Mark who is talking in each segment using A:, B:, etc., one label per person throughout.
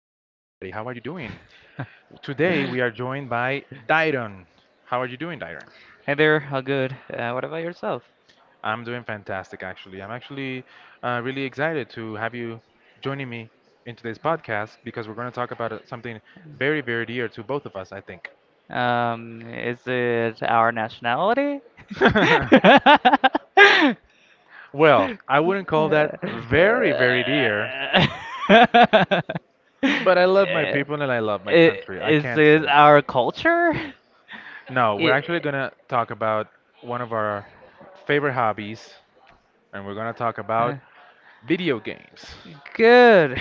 A: How are you doing? Today we
B: Hey
A: are joined by Dairon. How are you doing, Dairon?
B: there, how good. What about yourself?
A: I'm doing fantastic, actually. I'm actually really excited to have you joining me in today's podcast because we're going to talk about something very, very dear to both of us, I think.
B: Is it our nationality?
A: Well, I wouldn't call that
B: Eh,
A: very, very dear,
B: i-
A: but I love my people and I love my country. I
B: Is
A: can't say
B: this
A: no.
B: our culture?
A: No, we're actually
B: I-
A: going to talk about one of our favorite hobbies, and we're gonna talk
B: uh,
A: about video games.
B: Good.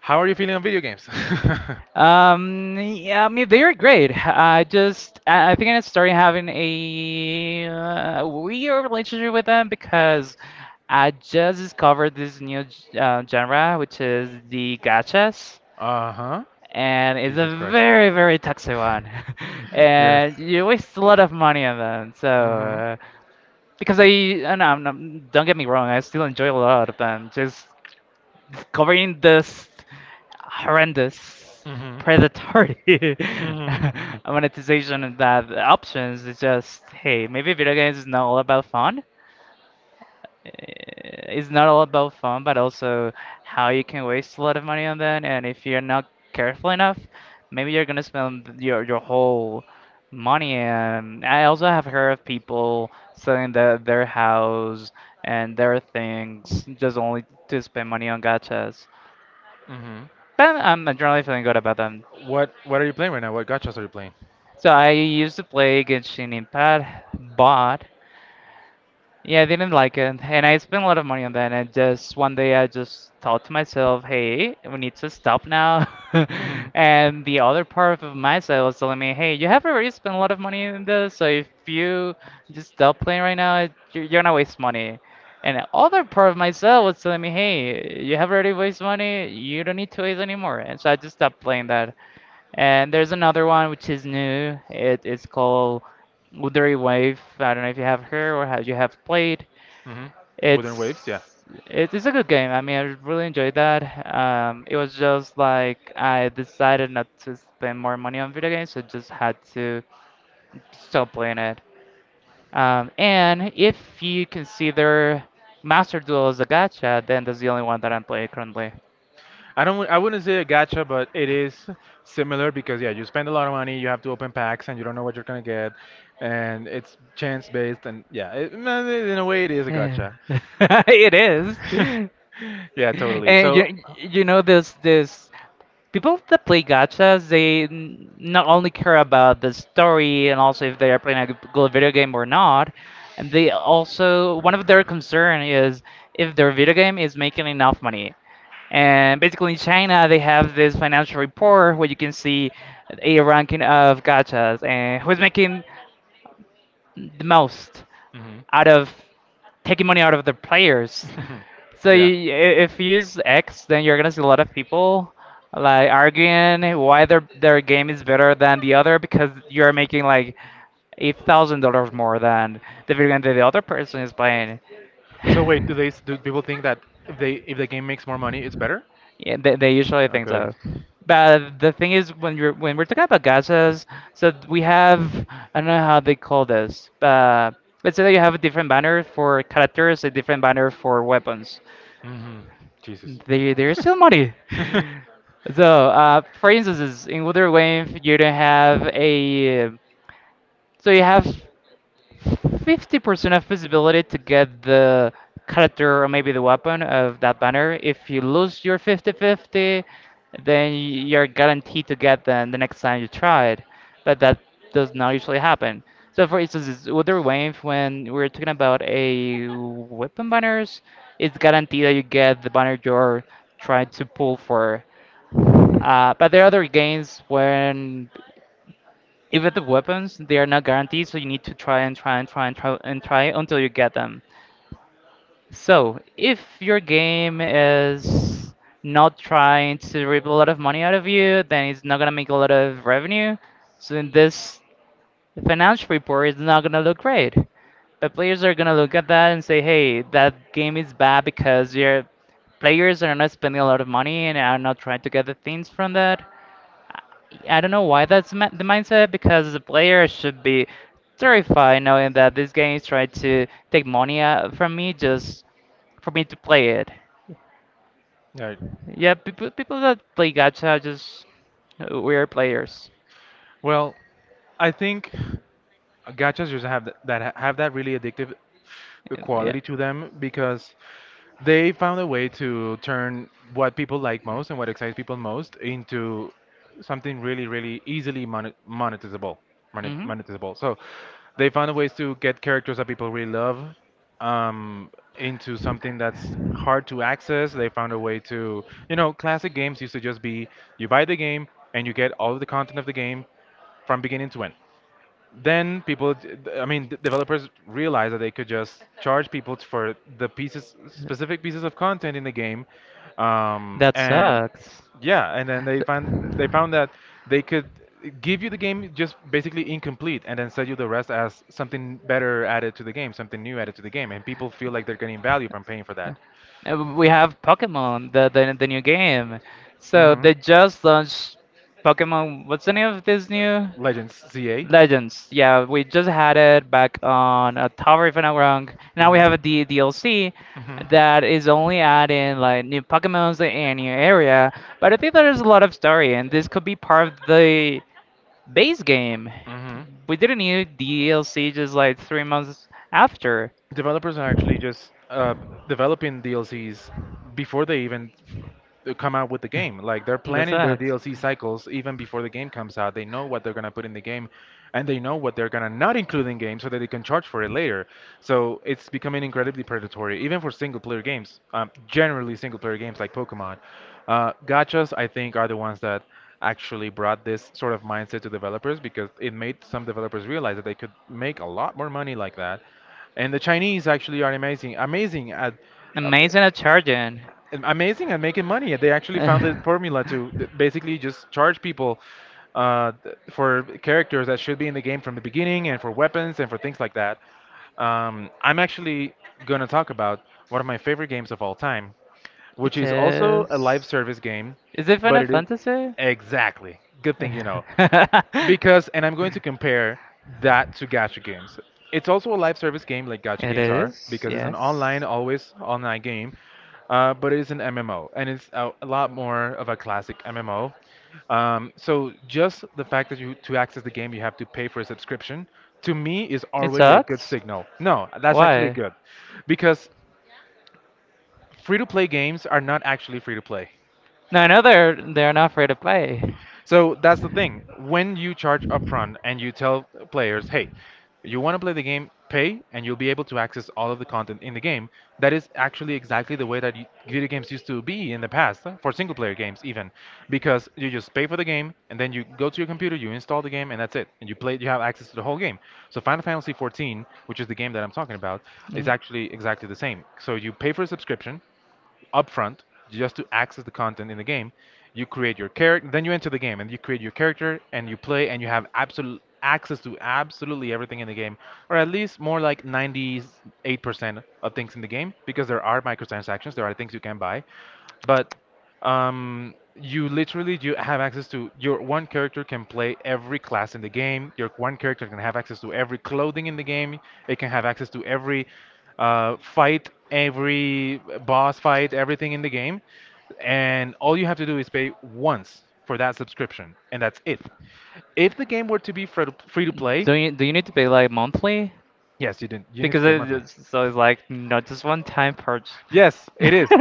A: How are you feeling on video games? uh
B: Yeah, I mean they're great. I think I started having a weird relationship with them because I just discovered this new genre, which is the gachas,
A: huh.
B: and it's
A: Jesus
B: a
A: Christ.
B: very toxic one.
A: Yes.
B: And you waste a lot of money on them. So
A: Mm
B: because I and don't get me wrong, I still enjoy a lot of them. Just covering
A: hmm.
B: this horrendous
A: Mm hmm. Mm
B: predatory
A: hmm.
B: monetization and that options, it's just hey, maybe video games is not all about fun. Eh, it's not all about fun, but also how you can waste a lot of money on that, and if you're not careful enough, maybe you're gonna spend your whole money. And I also have heard of people selling their house and their things just only to spend money on gachas.
A: Mm
B: But I'm generally feeling good about them.
A: hmm. What are you playing right now? What gotchas are you playing?
B: So I used to play Genshin Impact, but yeah, I didn't like it, and I spent a lot of money on that. And just one day, I just thought to myself, "Hey, we need to stop now."
A: Mm
B: And the other part of myself was telling me, "Hey, you have already spent a
A: hmm.
B: lot of money in this, so if you just stop playing right now, you're gonna waste money." And the other part of myself was telling me, "Hey, you have already wasted money. You don't need to waste anymore." And so I just stopped playing that. And there's another one which is new. It is called Woodery Wave. I don't know if you have heard or have you have played.
A: Hmm. Wooden
B: It's
A: waves, yeah.
B: it is a good game. I mean, I really enjoyed that. It was just like I decided not to spend more money on video games, so just had to stop playing it. And if you consider Master Duel as a gacha, then that's the only one that I'm playing currently.
A: I don't. I wouldn't say a gacha, but it is similar because yeah, you spend a lot of money, you have to open packs, and you don't know what you're gonna get, and it's chance based, and yeah, it, man, it- in a way, it is a gacha.
B: It is.
A: Yeah, totally.
B: And
A: So,
B: you know, this people that play gachas, they not only care about the story and also if they are playing a good video game or not, and they also, one of their concern is if their video game is making enough money. And basically in China, they have this financial report where you can see a ranking of gachas and who's making the most
A: mhm.
B: out of taking money out of the players.
A: Yeah.
B: If you use X, then you're gonna see a lot of people like arguing why their game is better than the other because you're making like $8,000 more than the video game that the other person is playing.
A: So wait, do they s- do people think that if they if the game makes more money, it's better?
B: Yeah, they usually think
A: Okay.
B: so. But the thing is, when we're talking about gachas, so we have, I don't know how they call this. Let's say that you have a different banner for characters, a different banner for weapons.
A: Hmm. Jesus.
B: They're still money. So, for instance, in Wonder Wave, you don't have a so you have 50% of visibility to get the character or maybe the weapon of that banner. If you lose your 50-50, then you're guaranteed to get them the next time you try it. But that does not usually happen. So for instance, with the Wave, when we're talking about a weapon banners, it's guaranteed that you get the banner you're trying to pull for. But there are other games when even the weapons, they are not guaranteed, so you need to try and try and try and try and try until you get them. So, if your game is not trying to reap a lot of money out of you, then it's not gonna make a lot of revenue. So in this financial report, it's not gonna look great. But players are gonna look at that and say, "Hey, that game is bad because your players are not spending a lot of money and are not trying to get the things from that." I don't know why that's the mindset, because the player should be terrified knowing that this game is trying to take money out from me just for me to play it.
A: Right.
B: Yeah, people that play gacha are just weird players.
A: Well, I think. Gachas just have that, that have that really addictive
B: Yeah.
A: quality to them because they found a way to turn what people like most and what excites people most into something really, really easily monetizable,
B: Hmm.
A: monetizable. So they found ways to get characters that people really love um, into something that's hard to access. They found a way to, you know, classic games used to just be you buy the game and you get all of the content of the game from beginning to end, then people I mean d- developers realized that they could just charge people for the pieces specific pieces of content in the game,
B: That
A: and
B: sucks.
A: yeah, and then they found that they could give you the game just basically incomplete and then sell you the rest as something better added to the game, something new added to the game, and people feel like they're getting value from paying for that.
B: We have Pokemon, the new game. So
A: Hmm.
B: they just launched Pokemon. What's the name of this new?
A: Legends ca.
B: Legends, yeah, we just had it back on a tower if I'm not wrong. Now we
A: Hmm.
B: have a D DLC
A: Hmm.
B: that is only adding like new Pokemons and new area, but I think there is a lot of story and this could be part of the base game.
A: Hmm.
B: We did not need DLC just like 3 months after.
A: Developers are actually just developing DLCs before they even f- come out with the game. Like, they're
B: That
A: planning their
B: sucks.
A: DLC cycles even before the game comes out. They know what they're gonna put in the game, and they know what they're gonna not include in game so that they can charge for it later. So it's becoming incredibly predatory, even for single player games. Generally, single player games like Pokemon, gachas I think are the ones that actually brought this sort of mindset to developers because it made some developers realize that they could make a lot more money like that, and the Chinese actually are amazing, uh,
B: Amazing at charging.
A: amazing at making money. They actually
B: It
A: found the formula to th- basically just charge people for characters that should be in the game from the beginning, and for weapons and for things like that. I'm actually gonna talk about one of my favorite games of all time, which is also a live
B: is.
A: service game,
B: Is it
A: but
B: Final
A: it is.
B: Fantasy?
A: Exactly. Good thing you know. Because, and I'm going to compare that to gacha games. It's also a live service game like gacha
B: It
A: games are,
B: is,
A: because it's an
B: yes.
A: online, always online game, but it is an MMO, and it's a lot more of a classic MMO. So just the fact that you to access the game you have to pay for a subscription, to me is
B: It
A: already a good
B: sucks.
A: signal. No, that's actually
B: Why?
A: good, because free-to-play games are not actually free-to-play.
B: No, I know they're not free to play.
A: So that's the thing. When you charge upfront and you tell players, hey, you want to play the game, pay, and you'll be able to access all of the content in the game, that is actually exactly the way that y- video games used to be in the past, for single player games even, because you just pay for the game and then you go to your computer, you install the game, and that's it. And you play, you have access to the whole game. So Final Fantasy 14, which is the game that I'm talking about, is
B: Mm.
A: actually exactly the same. So you pay for a subscription, upfront just to access the content in the game. You create your character, then you enter the game and you create your character and you play and you have absolute access to absolutely everything in the game, or at least more like 98% of things in the game because there are microtransactions, there are things you can buy, but you literally you have access to your one character can play every class in the game. Your one character can have access to every clothing in the game. It can have access to every fight, every boss fight, everything in the game. And all you have to do is pay once for that subscription, and that's it. If the game were to be free to play,
B: Do you need to pay like monthly?
A: yes, you didn't. You need
B: Because
A: to pay
B: it
A: monthly.
B: is, so it's like not just one time purchase.
A: Yes, it is.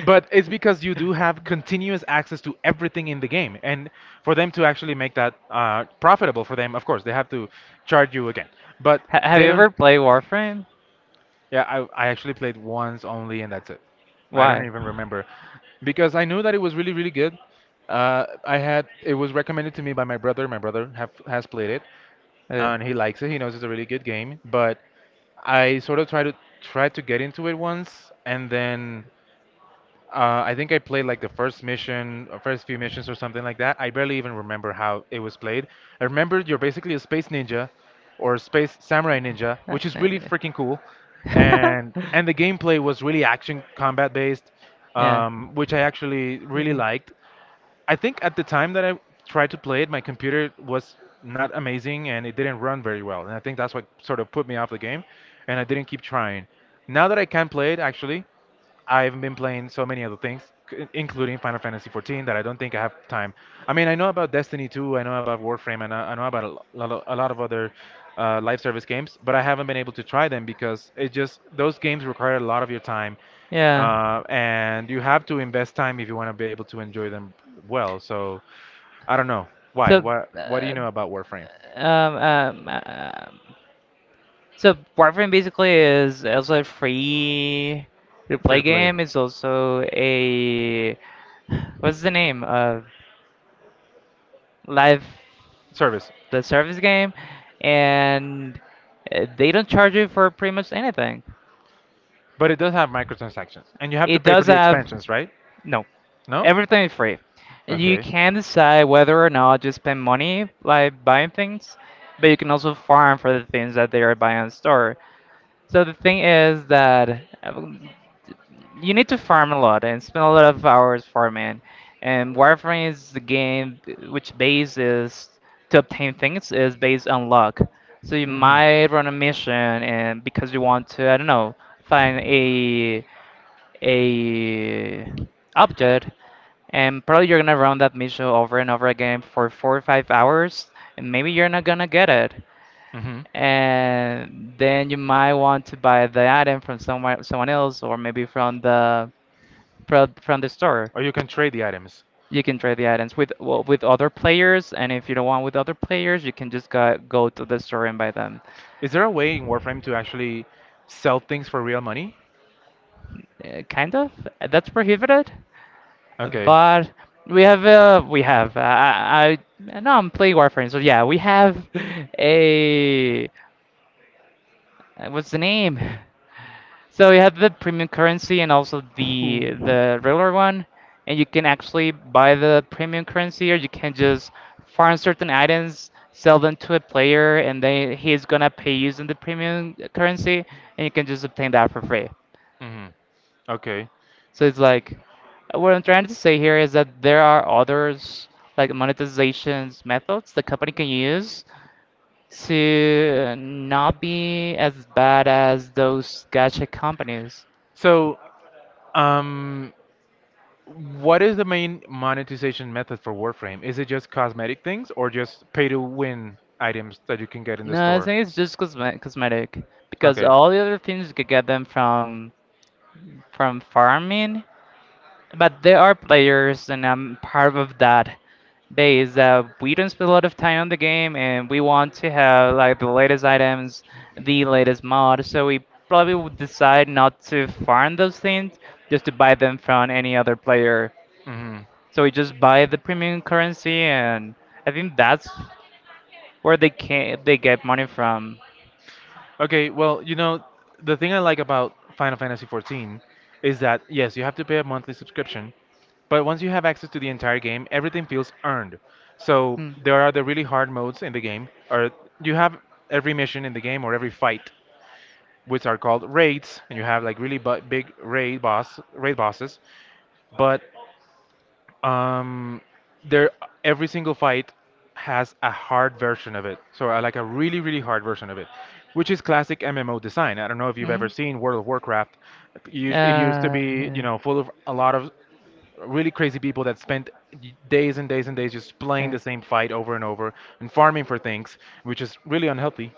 A: But it's because you do have continuous access to everything in the game. And for them to actually make that profitable for them, of course, they have to charge you again. But
B: Ha, have
A: they
B: you
A: don't.
B: ever played Warframe?
A: Yeah, I actually played once only, and that's it. I don't
B: Why?
A: even remember. Because I knew that it was really, really good. I had it was recommended to me by my brother. My brother has played it,
B: Uh,
A: and he likes it. He knows it's a really good game. But I sort of tried to get into it once, and then I think I played like the first mission, or first few missions, or something like that. I barely even remember how it was played. I remember you're basically a space ninja, or space samurai ninja,
B: Uh,
A: which is really freaking cool,
B: uh,
A: and the gameplay was really action combat based,
B: yeah,
A: which I actually really liked. I think at the time that I tried to play it, my computer was not amazing and it didn't run very well. And I think that's what sort of put me off the game, and I didn't keep trying. Now that I can play it, actually, I've been playing so many other things, c- including Final Fantasy 14, that I don't think I have time. I mean, I know about Destiny 2, I know about Warframe, and I know about a lo- lot of, a lot of other live service games, but I haven't been able to try them because it just those games require a lot of your time,
B: yeah.
A: and you have to invest time if you want to be able to enjoy them well. So I don't know why.
B: So,
A: What do you
B: uh,
A: know about Warframe?
B: um, um, um, uh, so Warframe basically is also a free to
A: Free
B: play
A: to play
B: game. It's also a, what's the name of, live
A: service,
B: the service game, and they don't charge you for pretty much anything.
A: but it does have microtransactions, and you have to
B: It
A: pay for
B: does
A: the
B: have
A: expansions, right?
B: No,
A: No?
B: everything is free. You
A: Okay.
B: can decide whether or not to spend money like buying things, but you can also farm for the things that they are buying in store. So the thing is that you need to farm a lot and spend a lot of hours farming. And Warframe is the game which base is to obtain things is based on luck. So you
A: Hmm.
B: might run a mission and because you want to, I don't know, find a object, and probably you're gonna run that mission over and over again for 4 or 5 hours, and maybe you're not gonna get it.
A: Hmm.
B: And then you might want to buy the item from somewhere, someone else, or maybe from the store.
A: Or you can trade the items.
B: You can trade the items with, well, with other players, and if you don't want with other players, you can just go to the store and buy them.
A: Is there a way in Warframe to actually sell things for real money?
B: Kind of. That's prohibited,
A: Okay.
B: but we have I no I'm playing Warframe, so yeah, we have a, what's the name. So you have the premium currency and also the regular one, and you can actually buy the premium currency, or you can just farm certain items, sell them to a player, and then he's gonna pay using the premium currency, and you can just obtain that for free.
A: Hmm. Okay.
B: So it's like, what I'm trying to say here is that there are others like monetizations methods the company can use to not be as bad as those gacha companies.
A: So, um, what is the main monetization method for Warframe? Is it just cosmetic things or just pay to win items that you can get in the
B: No, I
A: store?
B: think it's just cosmetic, because
A: Okay.
B: all the other things you could get them from farming, but there are players, and I'm part of that base that we don't spend a lot of time on the game, and we want to have like the latest items, the latest mod. So we probably would decide not to farm those things, just to buy them from any other player.
A: Hmm.
B: So we just buy the premium currency, and I think that's where they get money from.
A: Okay, well, you know, the thing I like about Final Fantasy XIV is that, yes, you have to pay a monthly subscription, but once you have access to the entire game, everything feels earned. So
B: Hmm.
A: there are the really hard modes in the game, or you have every mission in the game or every fight, which are called raids, and you have like really bu- big raid bosses. But um there every single fight has a hard version of it, so like a really really hard version of it, which is classic MMO design. I don't know if you've ever
B: Mm.
A: seen World of Warcraft. It it used to be, you
B: Yeah,
A: know, full of a lot of really crazy people that spent days and days and days just playing
B: yeah,
A: the same fight over and over and farming for things, which is really unhealthy.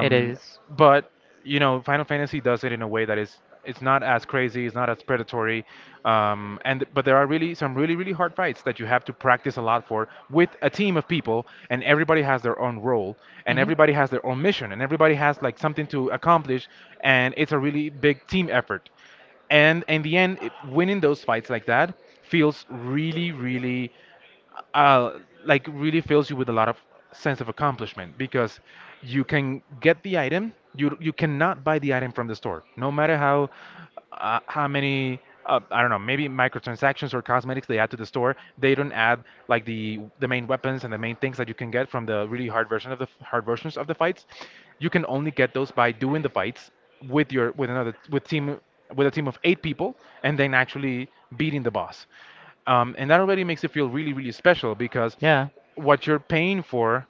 B: it is.
A: but you know, Final Fantasy does it in a way that is it's not as crazy, it's not as predatory, and but there are really some really really hard fights that you have to practice a lot for with a team of people, and everybody has their own role, and
B: Mm-hmm.
A: everybody has their own mission, and everybody has like something to accomplish, and it's a really big team effort. And in the end, winning those fights like that feels really, really, uh, like really fills you with a lot of sense of accomplishment because you can get the item. You cannot buy the item from the store, no matter how many I don't know, maybe microtransactions or cosmetics they add to the store. They don't add like the main weapons and the main things that you can get from the really hard version of the hard versions of the fights. You can only get those by doing the fights with your with another with team with a team of eight people and then actually beating the boss. And that already makes it feel really, really special because
B: Yeah,
A: what you're paying for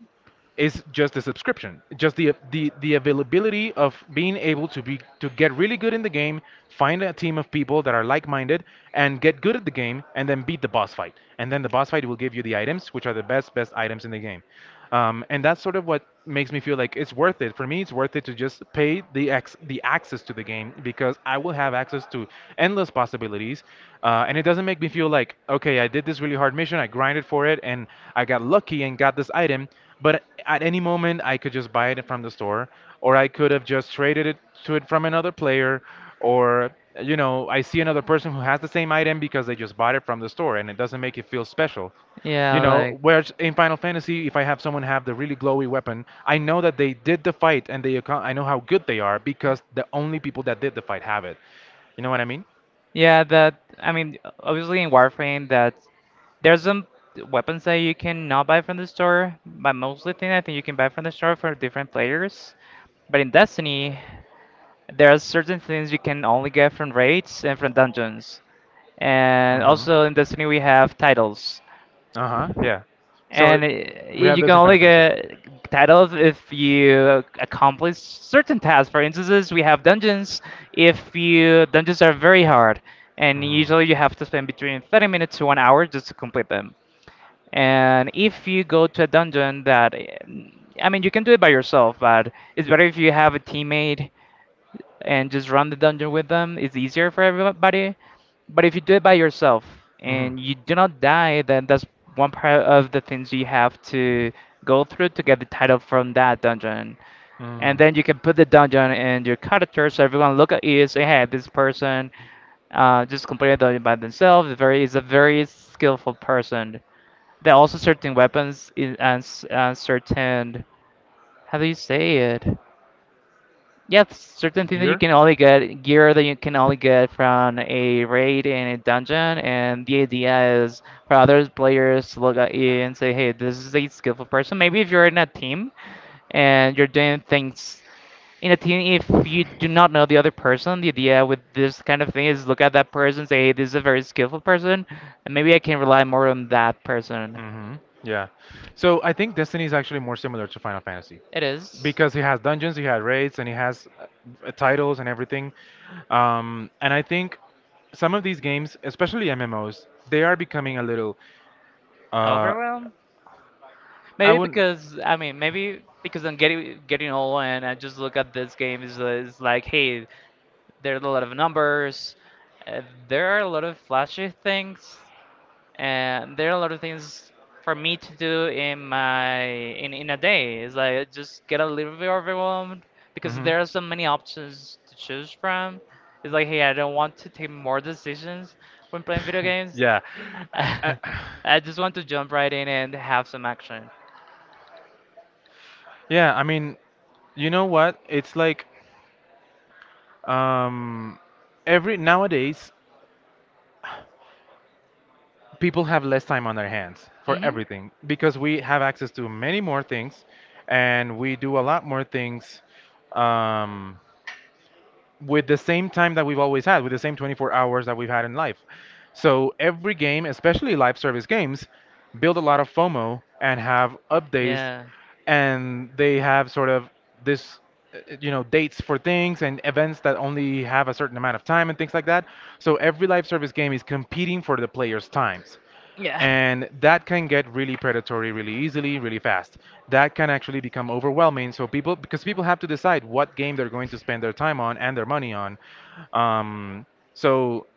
A: is just the subscription, just the availability of being able to be to get really good in the game, find a team of people that are like-minded, and get good at the game, and then beat the boss fight. And then the boss fight will give you the items, which are the best items in the game. And that's sort of what makes me feel like it's worth it. For me, it's worth it to just pay the access to the game because I will have access to endless possibilities, and it doesn't make me feel like okay, I did this really hard mission, I grinded for it, and I got lucky and got this item. But at any moment, I could just buy it from the store, or I could have just traded it from another player, or I see another person who has the same item because they just bought it from the store, and it doesn't make it feel special. You
B: yeah,
A: know,
B: like,
A: whereas in Final Fantasy, if I have someone have the really glowy weapon, I know that they did the fight and they account, I know how good they are because the only people that did the fight have it. You know what I mean?
B: yeah, that, I mean, obviously in Warframe, that there's some weapons that you cannot buy from the store, but mostly thing I think you can buy from the store for different players. But in Destiny, there are certain things you can only get from raids and from dungeons. And
A: Mm-hmm.
B: also in Destiny we have titles.
A: Uh-huh. Yeah. So
B: And
A: we have
B: you can
A: those in
B: only
A: Final Fantasy as well.
B: get titles if you accomplish certain tasks. For instances, we have dungeons. If you dungeons are very hard, and
A: Mm-hmm.
B: usually you have to spend between 30 minutes to 1 hour just to complete them. And if you go to a dungeon that, I mean, you can do it by yourself, but it's better if you have a teammate and just run the dungeon with them. It's easier for everybody. But if you do it by yourself
A: Mm-hmm.
B: and you do not die, then that's one part of the things you have to go through to get the title from that dungeon. And
A: Mm.
B: then you can put the dungeon in your character so everyone look at you say, hey, this person just completed the dungeon by themselves. Very is a very skillful person. There are also certain weapons and and certain, how do you say it? Yeah, certain things that you
A: Gear?
B: can only get, gear that you can only get from a raid in a dungeon, and the idea is for other players to look at you and say, hey, this is a skillful person. Maybe if you're in a team and you're doing things in a team, if you do not know the other person, the idea with this kind of thing is look at that person, say, hey, this is a very skillful person, and maybe I can rely more on that person.
A: Hmm. Yeah. So I think Destiny is actually more similar to Final Fantasy
B: It is.
A: because he has dungeons, he has raids, and he has titles and everything. And I think some of these games, especially MMOs, they are becoming a little. Uh,
B: Overwhelm?
A: I
B: Maybe
A: wouldn't.
B: because I mean, maybe because I'm getting old, and I just look at this game is like, hey, there are a lot of numbers, uh, there are a lot of flashy things, and there are a lot of things for me to do in my in a day. It's like I just get a little bit overwhelmed because
A: Hmm.
B: there are so many options to choose from. It's like, hey, I don't want to take more decisions when playing video games.
A: Yeah. I, I,
B: I just want to jump right in and have some action.
A: yeah. I mean, you know what? It's like um, every nowadays. People have less time on their hands for
B: Mm-hmm.
A: everything because we have access to many more things and we do a lot more things um, with the same time that we've always had, with the same 24 hours that we've had in life. So every game, especially live service games, build a lot of FOMO and have updates
B: Yeah.
A: and they have sort of this you know dates for things and events that only have a certain amount of time and things like that, so every live service game is competing for the players times,
B: Yeah.
A: and that can get really predatory really easily really fast. That can actually become overwhelming, so people, because people have to decide what game they're going to spend their time on and their money on. Um, so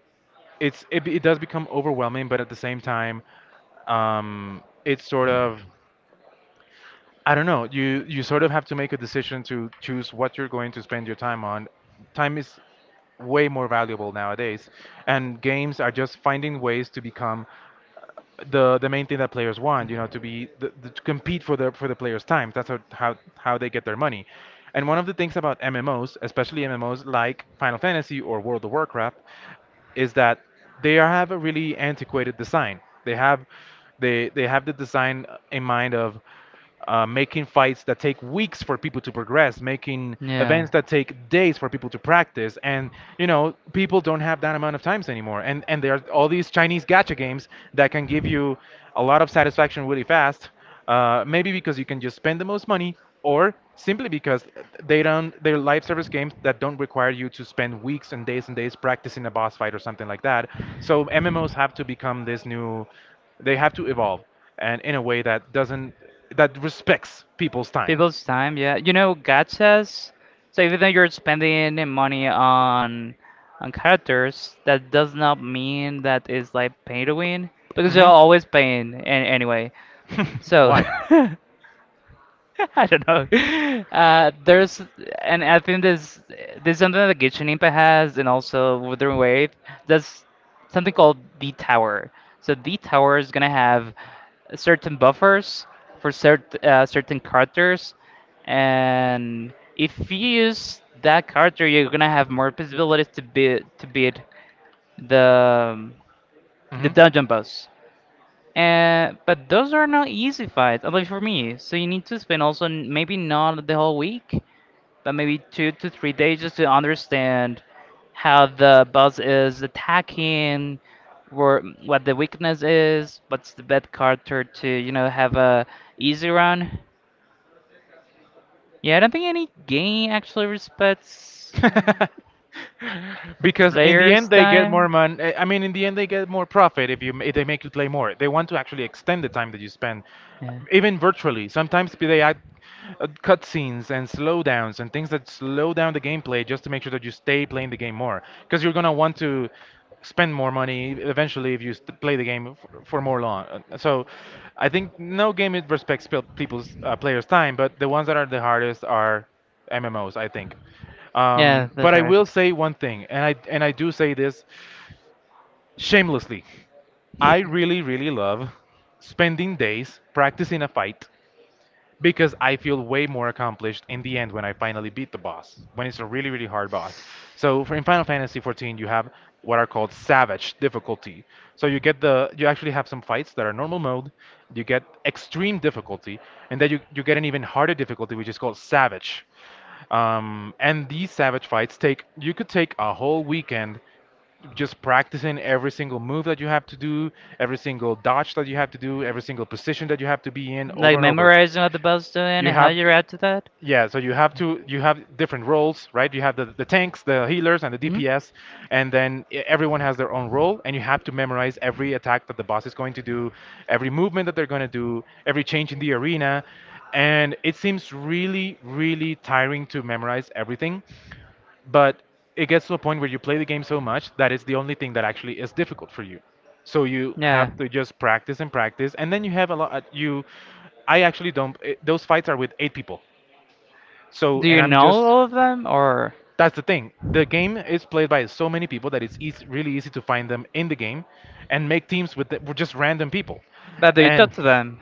A: it does become overwhelming, but at the same time, it's sort of I don't know. You sort of have to make a decision to choose what you're going to spend your time on. Time is way more valuable nowadays, and games are just finding ways to become the main thing that players want, you know, to be to compete for the players' time. That's how they get their money. And one of the things about MMOs, especially MMOs like Final Fantasy or World of Warcraft, is that have a really antiquated design. They have they have the design in mind of making fights that take weeks for people to progress, making events that take days for people to practice, and you know people don't have that amount of times anymore. And there are all these Chinese gacha games that can give you a lot of satisfaction really fast, maybe because you can just spend the most money, or simply because they don't they're live service games that don't require you to spend weeks and days practicing a boss fight or something like that. So MMOs have to become this new, they have to evolve and in a way that doesn't that respects people's time.
B: People's time, yeah. You know, God says, so even though you're spending the money on characters, that does not mean that it's like pay to win because you're
A: Hmm.
B: always paying an anyway. So
A: Why?
B: I don't know. Uh, there's, and I think there's something that Genshin Impact has, and also Wuthering Wave. That's something called the tower. So the tower is gonna have certain buffers for certain characters, and if you use that character, you're gonna have more possibilities to beat the um, the
A: Hmm.
B: dungeon boss. But those are not easy fights, at least for me. So you need to spend also maybe not the whole week, but maybe 2 to 3 days just to understand how the boss is attacking, where what the weakness is, what's the best character to you know have a easy run. Yeah, I don't think any game actually respects the
A: Because in the
B: player's
A: end they get more
B: time.
A: money. I mean, in the end they get more profit if you if they make you play more. They want to actually extend the time that you spend,
B: Yeah,
A: even virtually. Sometimes they add cutscenes and slowdowns and things that slow down the gameplay just to make sure that you stay playing the game more. Because you're gonna want to spend more money eventually if you play the game for more long. So I think no game it respects people's players' time, but the ones that are the hardest are MMOs, I think.
B: yeah, that's
A: But I
B: right.
A: will say one thing, and I do say this shamelessly. I really, really love spending days practicing a fight because I feel way more accomplished in the end when I finally beat the boss, when it's a really, really hard boss. So for in Final Fantasy 14, you have what are called savage difficulty. So you get the you actually have some fights that are normal mode, you get extreme difficulty, and then you get an even harder difficulty which is called savage. And these savage fights take you could take a whole weekend just practicing every single move that you have to do, every single dodge that you have to do, every single position that you have to be in over
B: Like
A: and over.
B: memorizing what the bell's doing and
A: You
B: how
A: have,
B: you react to that?
A: yeah, so you have to you have different roles, right? You have the tanks, the healers, and the
B: Hmm.
A: DPS, and then everyone has their own role, and you have to memorize every attack that the boss is going to do, every movement that they're going to do, every change in the arena. And it seems really really tiring to memorize everything, but it gets to a point where you play the game so much that it's the only thing that actually is difficult for you. So you
B: Yeah.
A: have to just practice and practice, and then you have a lot. I actually don't. It, those fights are with eight people. So
B: Do
A: and
B: you
A: I'm
B: know
A: just
B: all of them or
A: that's the thing. The game is played by so many people that it's easy, really easy to find them in the game, and make teams with with just random people,
B: but do you talk
A: and
B: to them?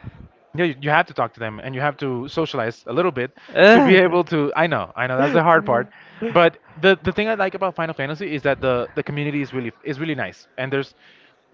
A: yeah, you have to talk to them and you have to socialize a little bit to be
B: Ugh.
A: able to. I know, that's the hard part. But the thing I like about Final Fantasy is that the community is really nice, and there's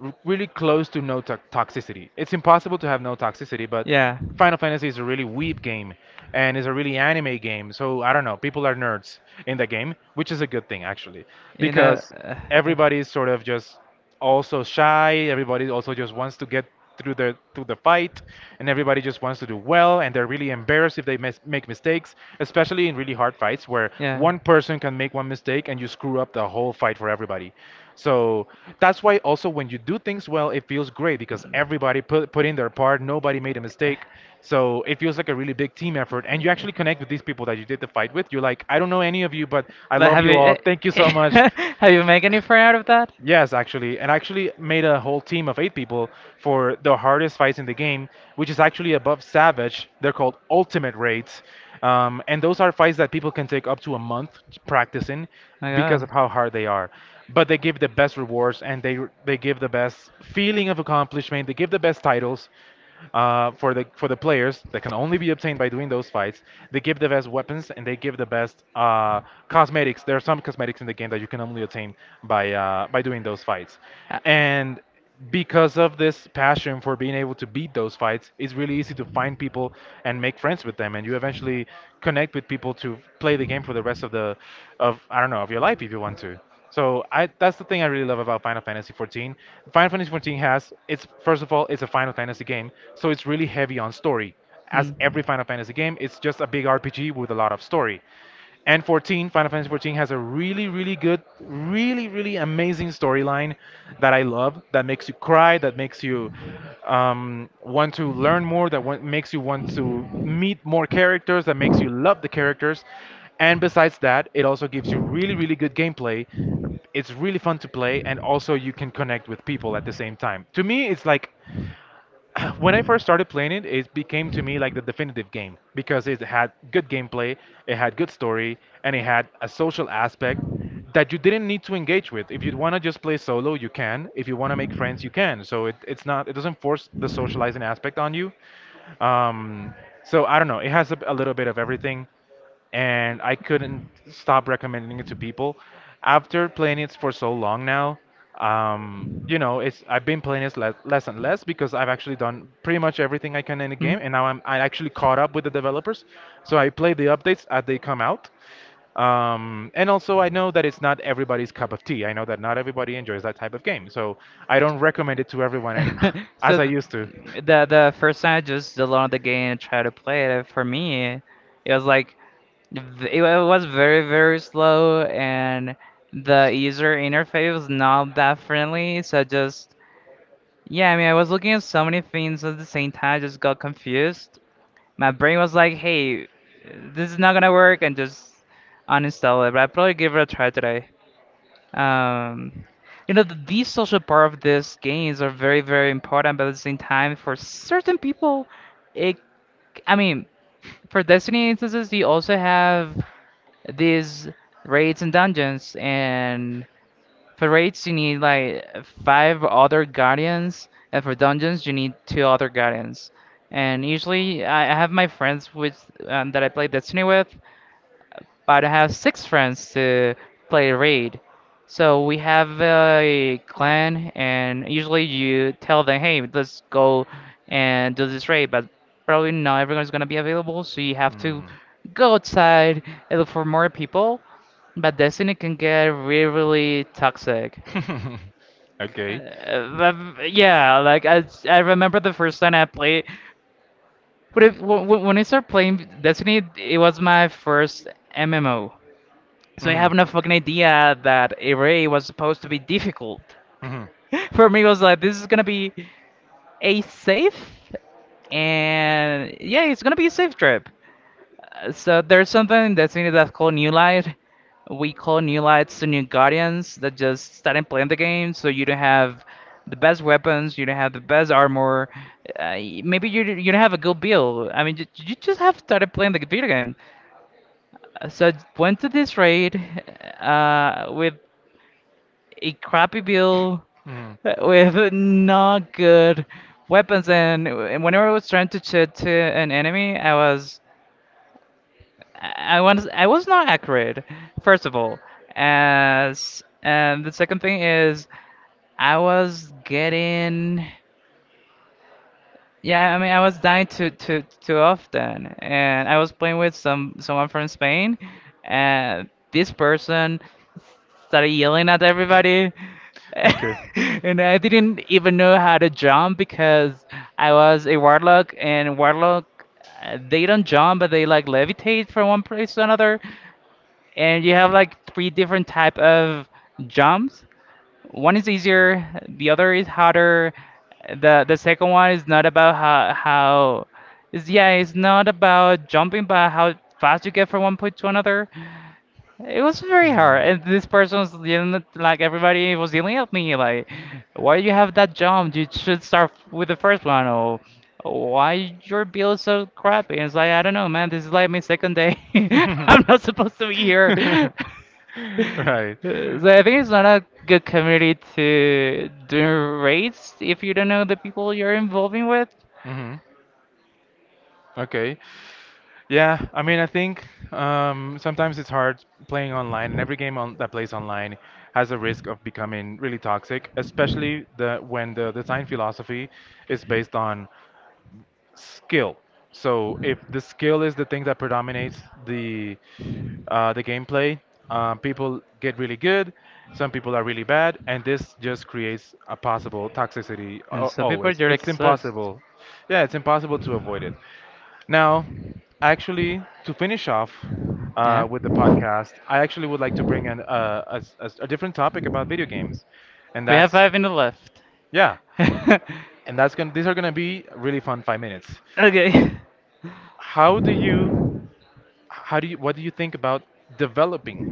A: really close to no to toxicity. It's impossible to have no toxicity, but
B: Yeah.
A: Final Fantasy is a really weeb game and is a really anime game. So I don't know, people are nerds in the game, which is a good thing actually,
B: You know.
A: because
B: Uh,
A: everybody is sort of just also shy. Everybody also just wants to get through the fight, and everybody just wants to do well. And they're really embarrassed if they make mistakes, especially in really hard fights where
B: yeah.
A: one person can make one mistake and you screw up the whole fight for everybody. So that's why also when you do things well, it feels great because everybody put in their part. Nobody made a mistake, so it feels like a really big team effort. And you actually connect with these people that you did the fight with. You're like, I don't know any of you, but I
B: But
A: love
B: have
A: you all.
B: you
A: Thank you so much.
B: have you make any friend out of that?
A: Yes, actually, and I actually made a whole team of eight people for the hardest fights in the game, which is actually above Savage. They're called Ultimate Raids, and those are fights that people can take up to a month practicing because
B: My
A: of how hard they are. But they give the best rewards, and they give the best feeling of accomplishment. They give the best titles, for the players that can only be obtained by doing those fights. They give the best weapons and they give the best cosmetics. There are some cosmetics in the game that you can only obtain by doing those fights,
B: God.
A: and because of this passion for being able to beat those fights, it's really easy to find people and make friends with them, and you eventually connect with people to play the game for the rest of the of I don't know of your life if you want to. So I that's the thing I really love about Final Fantasy 14. Final Fantasy 14 has it's first of all it's a Final Fantasy game, so it's really heavy on story. As every
B: Mm.
A: Final Fantasy game, it's just a big RPG with a lot of story. And 14, Final Fantasy 14 has a really, really good, really, really amazing storyline that I love, that makes you cry, that makes you want to learn more, that makes you want to meet more characters, that makes you love the characters. And besides that, it also gives you really, really good gameplay. It's really fun to play, and also you can connect with people at the same time. To me, it's like when I first started playing it, it became to me like the definitive game because it had good gameplay, it had good story, and it had a social aspect that you didn't need to engage with. If you want to just play solo, you can. If you want to make friends, you can. So it's not, it doesn't force the socializing aspect on you. Um, so I don't know. It has a little bit of everything, and I couldn't stop recommending it to people. After playing it for so long now, you know, it's I've been playing it le less and less because I've actually done pretty much everything I can in the
B: Hmm?
A: game, and now I actually caught up with the developers. So I play the updates as they come out. And also, I know that it's not everybody's cup of tea. I know that not everybody enjoys that type of game, so I don't recommend it to everyone as
B: So
A: I
B: th-
A: used to.
B: the first time I just downloaded the game and tried to play it, for me, it was like it was very very slow and the user interface was not that friendly. So just yeah, I mean I was looking at so many things at the same time, I just got confused. My brain was like, hey, this is not gonna work, and just uninstall it. But I probably give it a try today. Um, you know, these social part of these games are very, very important, but at the same time, for certain people, it, I mean, for Destiny instances, you also have these raids and dungeons, and for raids, you need like five other guardians, and for dungeons, you need two other guardians. And usually, I have my friends with that I play Destiny with but I have six friends to play raid. So we have a clan, and usually you tell them, hey, let's go and do this raid, but probably not everyone's gonna be available, so you have to
A: so
B: go outside and look for more people. But Destiny can get really, really toxic.
A: Mm. Okay.
B: Uh, yeah, like I remember the first time I played. But if, when I started playing Destiny, it was my first MMO. So I
A: Mhm.
B: have
A: No.
B: no fucking idea that array was supposed to be difficult. For me, it was like this is gonna be a safe, and yeah, it's gonna be a safe trip. So there's something that's in it that's called New Light. We call New Lights the New Guardians that just started playing the game, so you don't have the best weapons, you don't have the best armor. Maybe you don't have a good build. I mean, you just have started playing the video game. So I went to this raid with a crappy build
A: Mhm. Mhm.
B: with not good weapons, and whenever I was trying to shoot to an enemy, I was not accurate. First of all, as and the second thing is I was getting yeah, I mean I was dying too often and I was playing with someone from Spain and this person started yelling at everybody.
A: Okay.
B: And I didn't even know how to jump because I was a warlock, and warlock they don't jump, but they like levitate from one place to another. And you have like three different type of jumps. One is easier, the other is harder. The second one is not about how is yeah, it's not about jumping, but how fast you get from one point to another. It was very hard,
A: Mm.
B: and this person was dealing it- like everybody was yelling at me, like, "Why you have that jump? You should start with the first one." Or, "Why your build is so crappy?" And it's like, I don't know, man. This is like my second day. I'm not supposed to be here.
A: Right.
B: So I think it's not a good community to do raids if you don't know the people you're involving with,
A: Hmm. Okay. Yeah, I mean, I think sometimes it's hard playing online, and every that plays online has a risk of becoming really toxic, especially the when the design philosophy is based on skill. So if the skill is the thing that predominates the the gameplay, people get really good. Some people are really bad, and this just creates a possible toxicity.
B: and some people
A: Always,
B: just
A: it's
B: exist.
A: impossible. Yeah, it's impossible to avoid it. Now, actually, to finish off
B: Yeah,
A: with the podcast, I actually would like to bring an, a, s- a s- a different topic about video games, and
B: we have
A: that's
B: 5 minutes left.
A: yeah, and that's gonna. These are gonna be really fun 5 minutes.
B: Okay.
A: How do you how do you what do you think about developing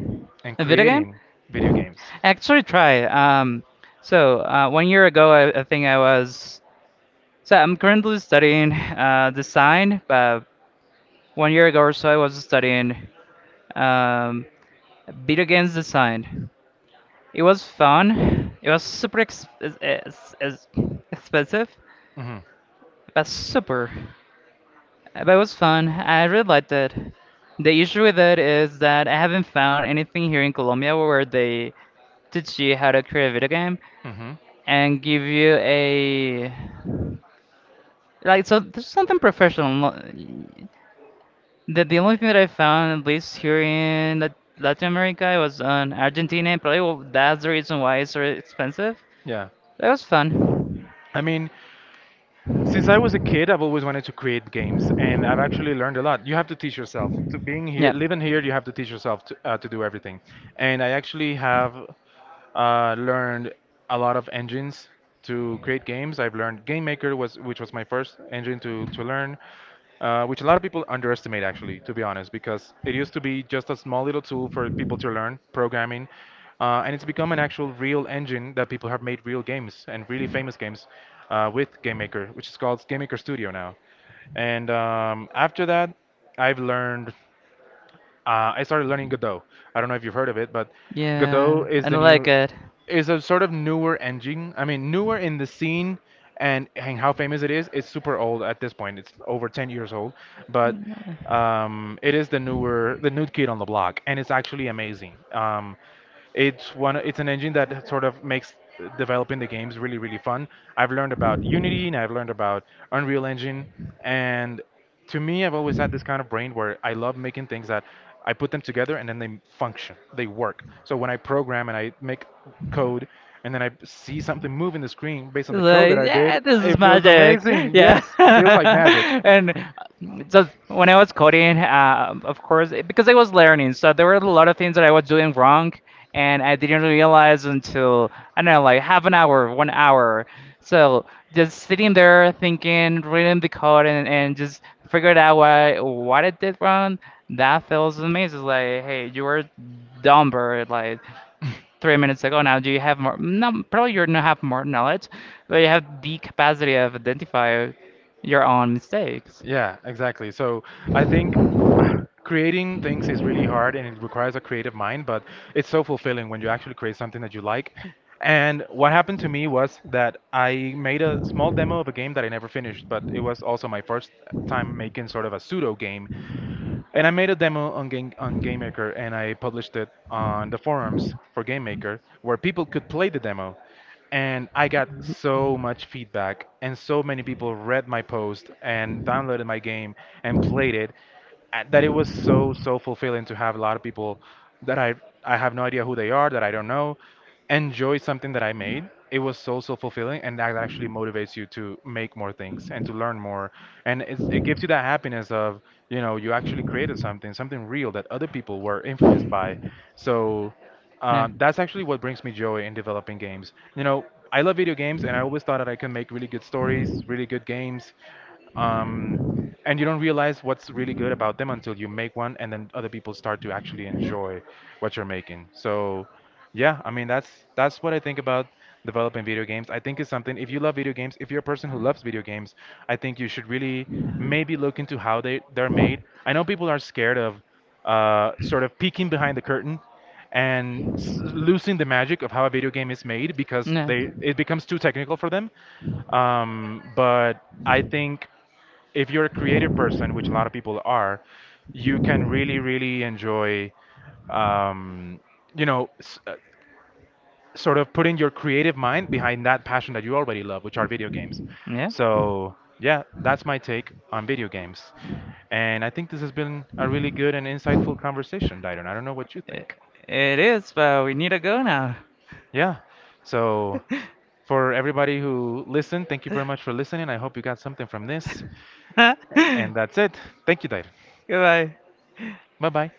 A: and
B: A video game?
A: creating video games?
B: Actually, try. 1 year ago, I think I was. So I'm currently studying design, but 1 year ago or so, I was studying um, video games design. It was fun. It was super expensive,
A: Mhm.
B: but super. But it was fun. I really liked it. The issue with it is that I haven't found anything here in Colombia where they teach you how to create a video game,
A: Mhm.
B: and give you a like so there's something professional no- the only thing that I found at least here in Latin America, it was on Argentina and probably well, that's the reason why it's so expensive.
A: Yeah.
B: That was fun.
A: I mean, since I was a kid, I've always wanted to create games, and I've actually learned a lot. You have to teach yourself. To being here,
B: Yeah,
A: living here, you have to teach yourself to do everything. And I actually have learned a lot of engines to create games. I've learned Game Maker, which was my first engine to learn. Which a lot of people underestimate actually, to be honest, because it used to be just a small little tool for people to learn programming, and it's become an actual real engine that people have made real games and really famous games with Game Maker, which is called Game Maker Studio now. And after that, I've learned. I started learning Godot. I don't know if you've heard of it, but
B: yeah,
A: Godot
B: I
A: is the
B: like
A: new
B: it.
A: is a sort of newer engine. I mean, newer in the scene and how famous it is. It's super old at this point. It's over 10 years old, but it is the new kid on the block, and it's actually amazing. It's one. It's an engine that sort of makes developing the games really, really fun. I've learned about Unity and I've learned about Unreal Engine, and to me, I've always had this kind of brain where I love making things that I put them together and then they function, they work. So when I program and I make code, and then I see something move in the screen based on the code that
B: Like
A: I did,
B: yeah, this is
A: it feels
B: magic.
A: amazing.
B: Yeah.
A: Yes, it feels like magic.
B: And so when I was coding of course because I was learning so there were a lot of things that I was doing wrong, and I didn't realize until I don't know like half an hour 1 hour. So just sitting there thinking reading the code, and just figured out why what I did wrong. That feels amazing, like hey you were dumber like 3 minutes ago, now do you have more? No, probably you don't have more knowledge, but you have the capacity of identify your own mistakes.
A: Yeah, exactly. So I think uh, creating things is really hard and it requires a creative mind, but it's so fulfilling when you actually create something that you like. And what happened to me was that I made a small demo of a game that I never finished, but it was also my first time making sort of a pseudo game. And I made a demo on GameMaker and I published it on the forums for GameMaker where people could play the demo. And I got so much feedback and so many people read my post and downloaded my game and played it that it was so, so fulfilling to have a lot of people that I have no idea who they are, that I don't know, enjoy something that I made. It was so, so fulfilling, and that actually motivates you to make more things and to learn more, and it gives you that happiness of you know you actually created something, something real that other people were influenced by. So
B: Yeah.
A: that's actually what brings me joy in developing games. You know, I love video games, and I always thought that I could make really good stories, really good games. Um, and you don't realize what's really good about them until you make one and then other people start to actually enjoy what you're making, so yeah, I mean that's what I think about developing video games. I think it's something, if you love video games, if you're a person who loves video games, I think you should really maybe look into how they're made. I know people are scared of sort of peeking behind the curtain and losing the magic of how a video game is made because
B: Yeah.
A: they it becomes too technical for them. But I think if you're a creative person, which a lot of people are, you can really, really enjoy, um, you know, s- uh, sort of putting your creative mind behind that passion that you already love, which are video games.
B: Yeah.
A: So, yeah, that's my take on video games. And I think this has been a really good and insightful conversation, Dairon. I don't know what you
B: I-
A: think.
B: It is, but we need to go now.
A: Yeah. So, for everybody who listened, thank you very much for listening. I hope you got something from this. And that's it. Thank you, Dairon.
B: Goodbye.
A: Bye bye.